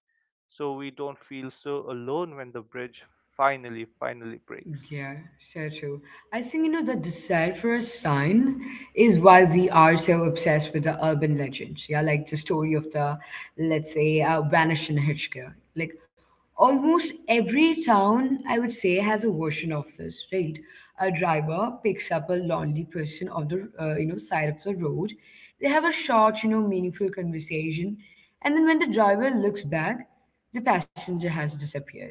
[SPEAKER 2] so we don't feel so alone when the bridge finally, finally breaks.
[SPEAKER 1] Yeah, so true. I think, you know, the desire for a sign is why we are so obsessed with the urban legends. Yeah, like the story of the, let's say, uh, Vanishing Hitchcock. Like almost every town, I would say, has a version of this, right? A driver picks up a lonely person on the, uh, you know, side of the road. They have a short, you know, meaningful conversation. And then when the driver looks back, the passenger has disappeared.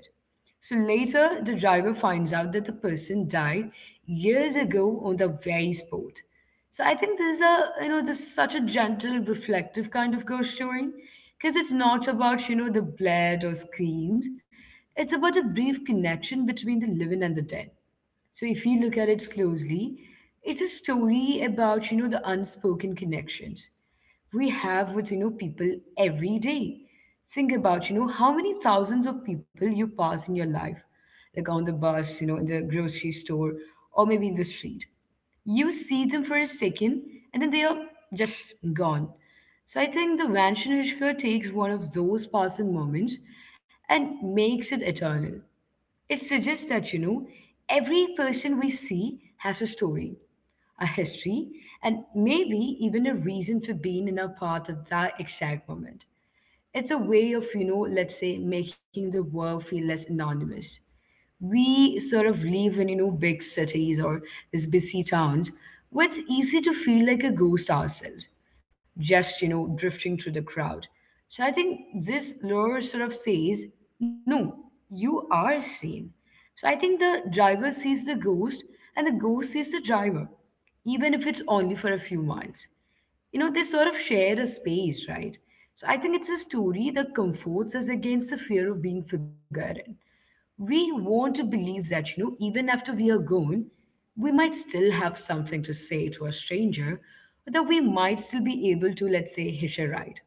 [SPEAKER 1] So later, the driver finds out that the person died years ago on the very spot. So I think this is a, you know, this is such a gentle, reflective kind of ghost story because it's not about, you know, the blood or screams. It's about a brief connection between the living and the dead. So if you look at it closely, it's a story about, you know, the unspoken connections we have with, you know, people every day. Think about, you know, how many thousands of people you pass in your life, like on the bus, you know, in the grocery store, or maybe in the street. You see them for a second and then they are just gone. So I think the Vanshanishka takes one of those passing moments and makes it eternal. It suggests that, you know, every person we see has a story, a history, and maybe even a reason for being in our path at that exact moment. It's a way of, you know, let's say, making the world feel less anonymous. We sort of live in, you know, big cities or these busy towns where it's easy to feel like a ghost ourselves, just, you know, drifting through the crowd. So I think this lure sort of says, no, you are seen. So I think the driver sees the ghost and the ghost sees the driver, even if it's only for a few miles. You know, they sort of share a space, right? So I think it's a story that comforts us against the fear of being forgotten. We want to believe that, you know, even after we are gone, we might still have something to say to a stranger, or that we might still be able to, let's say, hitch a ride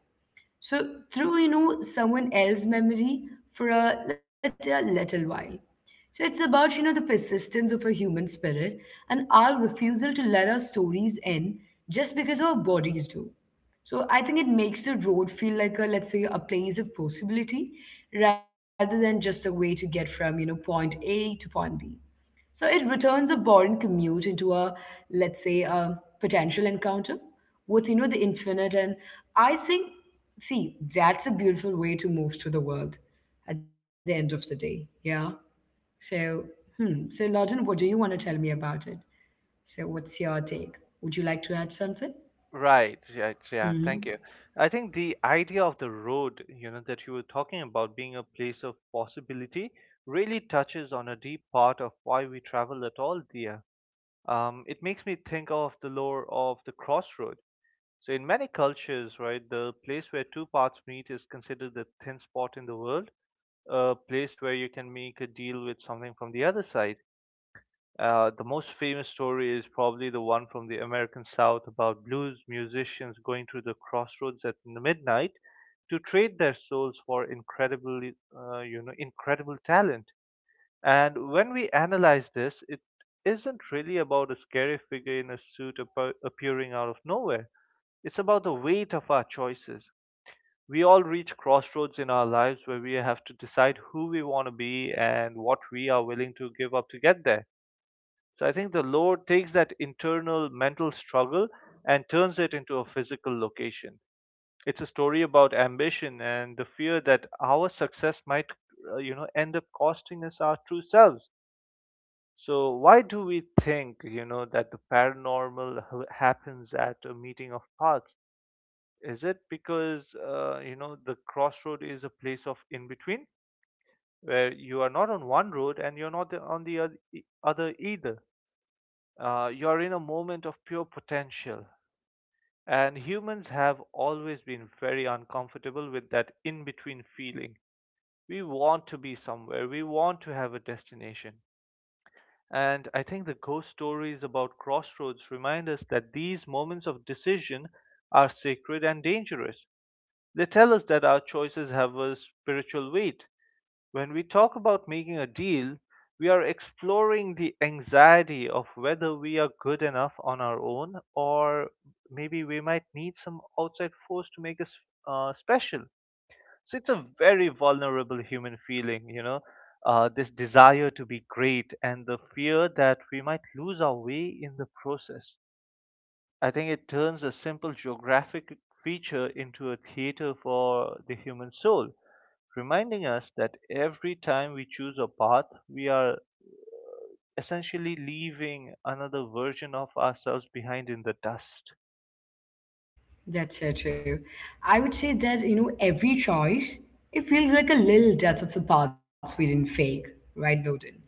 [SPEAKER 1] so through, you know, someone else's memory for, a let's say, a little while. So it's about, you know, the persistence of a human spirit and our refusal to let our stories end just because our bodies do. So I think it makes the road feel like, a let's say, a place of possibility rather than just a way to get from, you know, point A to point B. So it returns a boring commute into a, let's say, a potential encounter with, you know, the infinite. And I think, see, that's a beautiful way to move through the world at the end of the day. Yeah. So, hmm. So, Lawton, what do you want to tell me about it? So, what's your take? Would you like to add something?
[SPEAKER 2] Right, yeah, yeah, thank
[SPEAKER 1] Hmm.
[SPEAKER 2] you. I think the idea of the road, you know, that you were talking about being a place of possibility really touches on a deep part of why we travel at all, dear. Um, it makes me think of the lore of the crossroad. So in many cultures, right, the place where two paths meet is considered the thin spot in the world, a place where you can make a deal with something from the other side. Uh, the most famous story is probably the one from the American South about blues musicians going through the crossroads at midnight to trade their souls for incredibly, uh, you know, incredible talent. And when we analyze this, it isn't really about a scary figure in a suit appear- appearing out of nowhere. It's about the weight of our choices. We all reach crossroads in our lives where we have to decide who we want to be and what we are willing to give up to get there. So I think the Lord takes that internal mental struggle and turns it into a physical location. It's a story about ambition and the fear that our success might, uh, you know, end up costing us our true selves. So why do we think, you know, that the paranormal h- happens at a meeting of paths? Is it because, uh, you know, the crossroad is a place of in between, where you are not on one road and you're not on the oth- e- other either? Uh, you're in a moment of pure potential. And humans have always been very uncomfortable with that in between feeling. We want to be somewhere, we want to have a destination. And I think the ghost stories about crossroads remind us that these moments of decision are sacred and dangerous. They tell us that our choices have a spiritual weight. When we talk about making a deal, we are exploring the anxiety of whether we are good enough on our own, or maybe we might need some outside force to make us uh, special. So it's a very vulnerable human feeling, you know, uh, this desire to be great and the fear that we might lose our way in the process. I think it turns a simple geographic feature into a theater for the human soul, reminding us that every time we choose a path, we are essentially leaving another version of ourselves behind in the dust.
[SPEAKER 1] That's so true. I would say that, you know, every choice, it feels like a little death of the parts we didn't fake, right, Loden?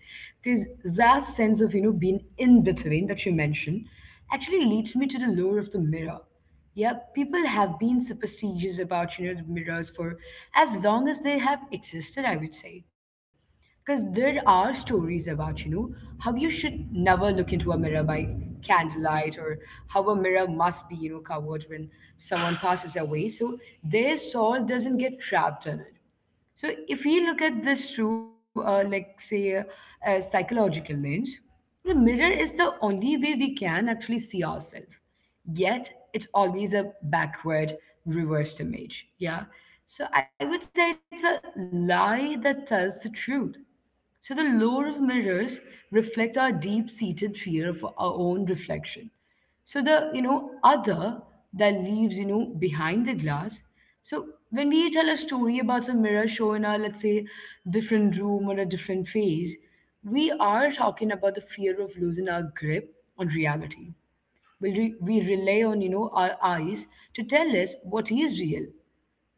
[SPEAKER 1] Because that sense of, you know, being in between that you mentioned actually leads me to the lore of the mirror. Yeah, people have been superstitious about, you know, the mirrors for as long as they have existed, I would say. Because there are stories about, you know, how you should never look into a mirror by candlelight, or how a mirror must be, you know, covered when someone passes away. So their soul doesn't get trapped in it. So if we look at this through, uh, like say, a, a psychological lens, the mirror is the only way we can actually see ourselves, yet it's always a backward reversed image, yeah. So I would say it's a lie that tells the truth. So the lure of mirrors reflects our deep-seated fear of our own reflection, so the, you know other that leaves, you know behind the glass. So when we tell a story about a mirror show in a, let's say, different room or a different phase, we are talking about the fear of losing our grip on reality. Will re- we rely on, you know, our eyes to tell us what is real.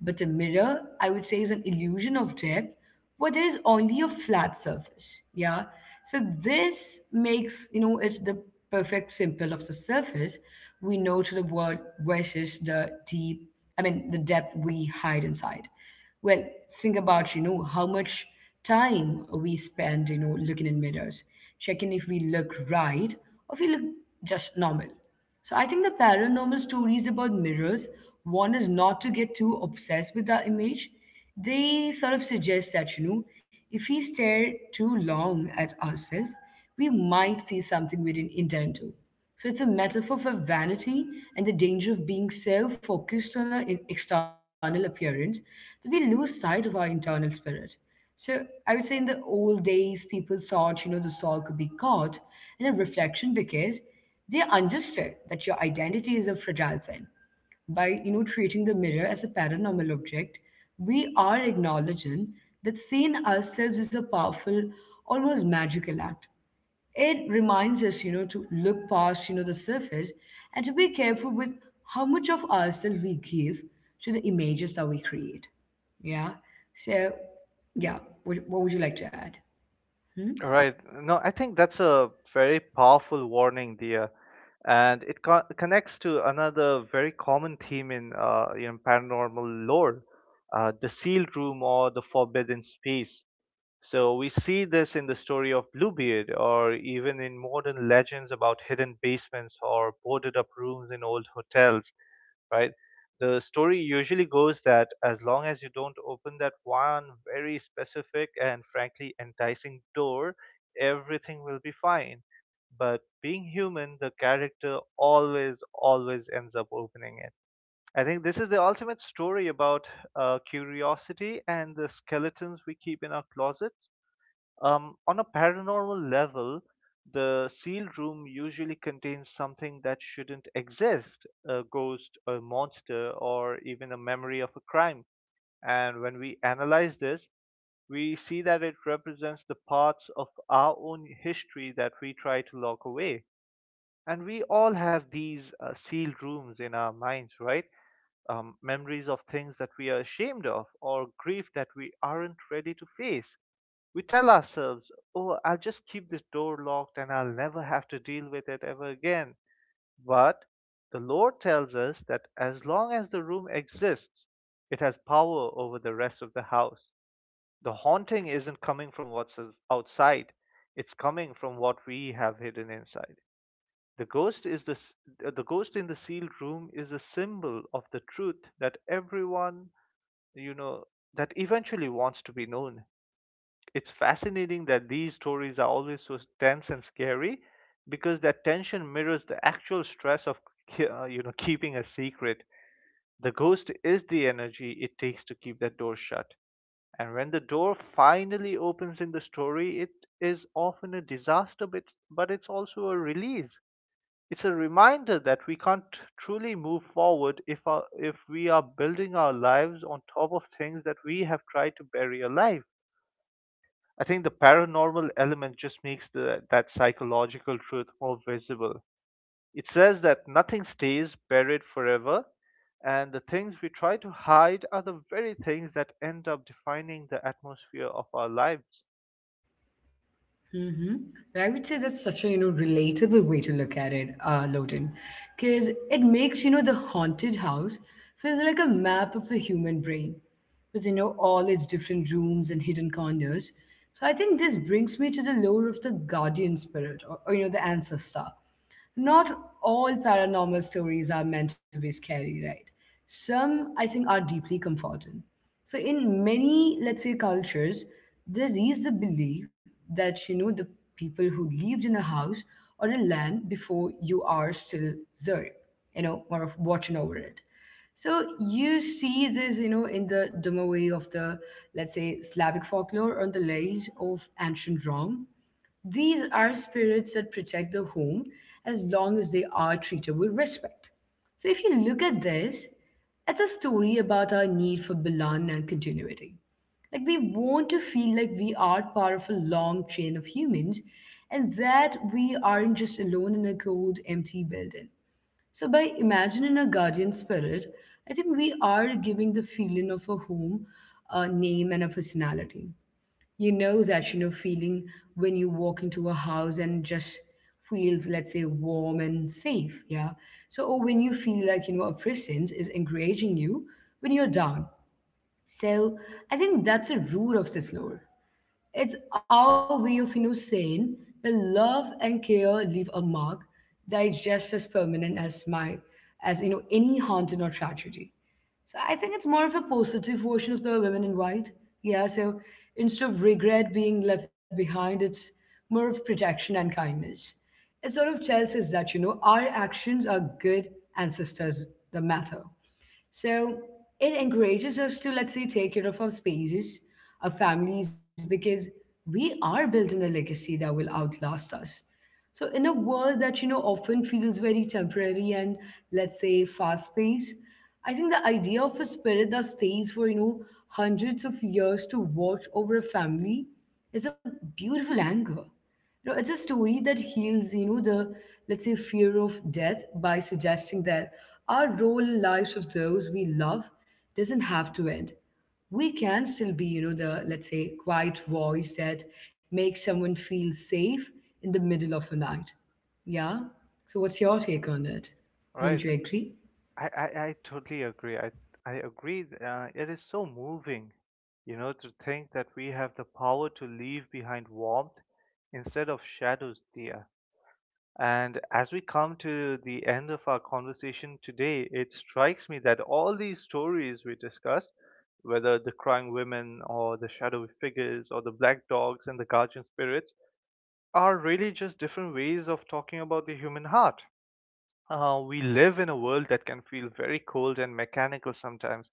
[SPEAKER 1] But a mirror, I would say, is an illusion of depth where there is only a flat surface. Yeah. So this makes, you know, it the perfect simple of the surface we know to the world versus the deep, I mean, the depth we hide inside. Well, think about, you know, how much time we spend, you know, looking in mirrors, checking if we look right or if we look just normal. So I think the paranormal stories about mirrors want us not to get too obsessed with that image. They sort of suggest that, you know, if we stare too long at ourselves, we might see something we didn't intend to. So it's a metaphor for vanity and the danger of being self-focused on our in- external appearance that we lose sight of our internal spirit. So I would say in the old days, people thought, you know, the soul could be caught in a reflection because they understood that your identity is a fragile thing. By you know treating the mirror as a paranormal object, we are acknowledging that seeing ourselves is a powerful, almost magical act. It reminds us, you know, to look past, you know, the surface and to be careful with how much of ourselves we give to the images that we create. Yeah. So, yeah. What, what would you like to add? Hmm?
[SPEAKER 2] Right. No, I think that's a very powerful warning, dear, and it co- connects to another very common theme in uh, you know, paranormal lore, uh, the sealed room or the forbidden space. So we see this in the story of Bluebeard, or even in modern legends about hidden basements or boarded up rooms in old hotels, right? The story usually goes that as long as you don't open that one very specific and frankly enticing door, everything will be fine. But being human, the character always, always ends up opening it. I think this is the ultimate story about uh, curiosity and the skeletons we keep in our closets. Um, on a paranormal level, the sealed room usually contains something that shouldn't exist, a ghost, a monster, or even a memory of a crime. And when we analyze this, we see that it represents the parts of our own history that we try to lock away. And we all have these uh, sealed rooms in our minds, right? Um, memories of things that we are ashamed of, or grief that we aren't ready to face. We tell ourselves, oh, I'll just keep this door locked and I'll never have to deal with it ever again. But the Lord tells us that as long as the room exists, it has power over the rest of the house. The haunting isn't coming from what's outside, it's coming from what we have hidden inside. The ghost is the, uh, the ghost in the sealed room is a symbol of the truth that everyone, you know, that eventually wants to be known. It's fascinating that these stories are always so tense and scary because that tension mirrors the actual stress of ke- uh, you know, keeping a secret. The ghost is the energy it takes to keep that door shut, and when the door finally opens in the story, it is often a disaster, but, but it's also a release. It's a reminder that we can't truly move forward if our, if we are building our lives on top of things that we have tried to bury alive. I think the paranormal element just makes the, that psychological truth more visible. It says that nothing stays buried forever, and the things we try to hide are the very things that end up defining the atmosphere of our lives.
[SPEAKER 1] Mm-hmm. I would say that's such a you know relatable way to look at it, uh, Loden, because it makes you know the haunted house feels like a map of the human brain, with you know all its different rooms and hidden corners. So I think this brings me to the lore of the guardian spirit, or, or you know the ancestor. Not all paranormal stories are meant to be scary, right? Some, I think, are deeply comforting. So, in many, let's say, cultures, there is the belief that, you know, the people who lived in a house or a land before you are still there, you know, more of watching over it. So you see this, you know, in the Domoway of the, let's say, Slavic folklore on the legends of ancient Rome. These are spirits that protect the home as long as they are treated with respect. So, if you look at this, it's a story about our need for belonging and continuity. Like, we want to feel like we are part of a long chain of humans and that we aren't just alone in a cold, empty building. So, by imagining a guardian spirit, I think we are giving the feeling of a home, a name, and a personality. You know that you know feeling when you walk into a house and just feels, let's say, warm and safe. Yeah. So, or when you feel like, you know a presence is encouraging you when you're down. So I think that's a root of this lore. It's our way of, you know, saying that love and care leave a mark that is just as permanent as my, as, you know, any haunting or tragedy. So I think it's more of a positive version of the women in white. Yeah. So instead of regret being left behind, it's more of protection and kindness. It sort of tells us that, you know our actions are good, ancestors the matter. So it encourages us to, let's say, take care of our spaces, our families, because we are building a legacy that will outlast us. So in a world that, you know, often feels very temporary and, let's say, fast paced, I think the idea of a spirit that stays for, you know, hundreds of years to watch over a family is a beautiful anchor. You know, it's a story that heals, you know, the, let's say, fear of death by suggesting that our role in lives of those we love doesn't have to end. We can still be, you know, the, let's say, quiet voice that makes someone feel safe in the middle of a night. Yeah. So what's your
[SPEAKER 2] Mhm.
[SPEAKER 1] take on it?
[SPEAKER 2] Right.
[SPEAKER 1] Don't you agree?
[SPEAKER 2] I, I, I totally agree. I, I agree. Th- Uh, it is so moving, you know, to think that we have the power to leave behind warmth instead of shadows there. And as we come to the end of our conversation today, it strikes me that all these stories we discussed, whether the crying women or the shadowy figures or the black dogs and the guardian spirits, are really just different ways of talking about the human heart. Uh, we live in a world that can feel very cold and mechanical sometimes,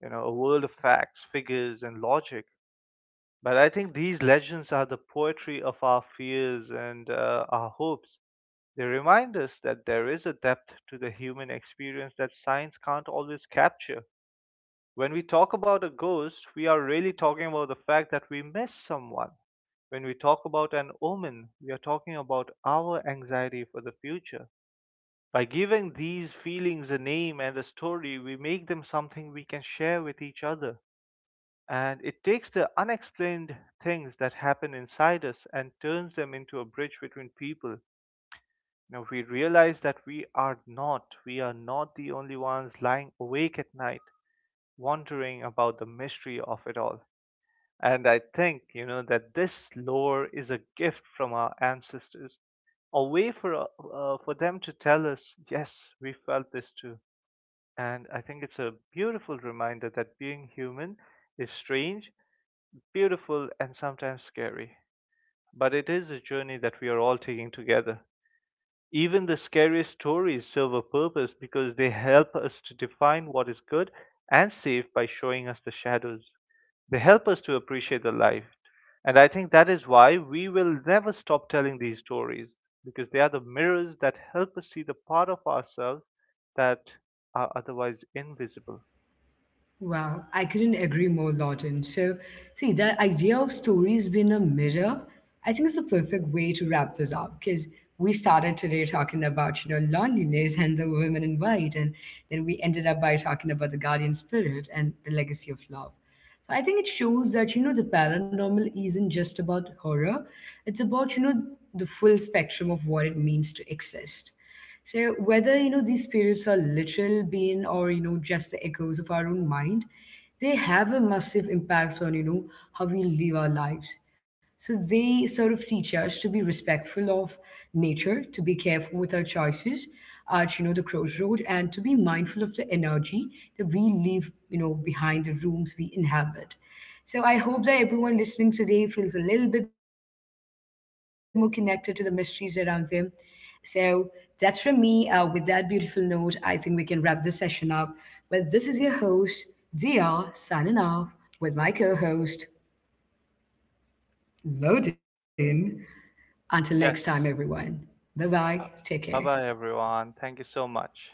[SPEAKER 2] you know, a world of facts, figures, and logic. But I think these legends are the poetry of our fears and uh, our hopes. They remind us that there is a depth to the human experience that science can't always capture. When we talk about a ghost, we are really talking about the fact that we miss someone. When we talk about an omen, we are talking about our anxiety for the future. By giving these feelings a name and a story, we make them something we can share with each other. And it takes the unexplained things that happen inside us and turns them into a bridge between people. Now we realize that we are not, we are not the only ones lying awake at night, wondering about the mystery of it all. And I think, you know, that this lore is a gift from our ancestors, a way for uh, uh, for them to tell us, yes, we felt this too. And I think it's a beautiful reminder that being human is strange, beautiful, and sometimes scary. But it is a journey that we are all taking together. Even the scariest stories serve a purpose because they help us to define what is good and safe by showing us the shadows. They help us to appreciate the life. And I think that is why we will never stop telling these stories, because they are the mirrors that help us see the part of ourselves that are otherwise invisible.
[SPEAKER 1] Wow, I couldn't agree more, Lawton. So, see, the idea of stories being a mirror, I think is the perfect way to wrap this up because we started today talking about, you know, loneliness and the women in white, and then we ended up by talking about the guardian spirit and the legacy of love. So I think it shows that, you know, the paranormal isn't just about horror, it's about, you know, the full spectrum of what it means to exist. So whether, you know, these spirits are literal being or, you know, just the echoes of our own mind, they have a massive impact on, you know, how we live our lives. So they sort of teach us to be respectful of nature, to be careful with our choices at, you know the crossroad, and to be mindful of the energy that we leave, you know behind the rooms we inhabit. So I hope that everyone listening today feels a little bit more connected to the mysteries around them. So that's from me. Uh, with that beautiful note, I think we can wrap this session up. Well, this is your host, Dia, signing off with my co host, Loden. Until next time, everyone.
[SPEAKER 2] Yes.
[SPEAKER 1] Bye bye. Take care.
[SPEAKER 2] Bye bye, everyone. Thank you so much.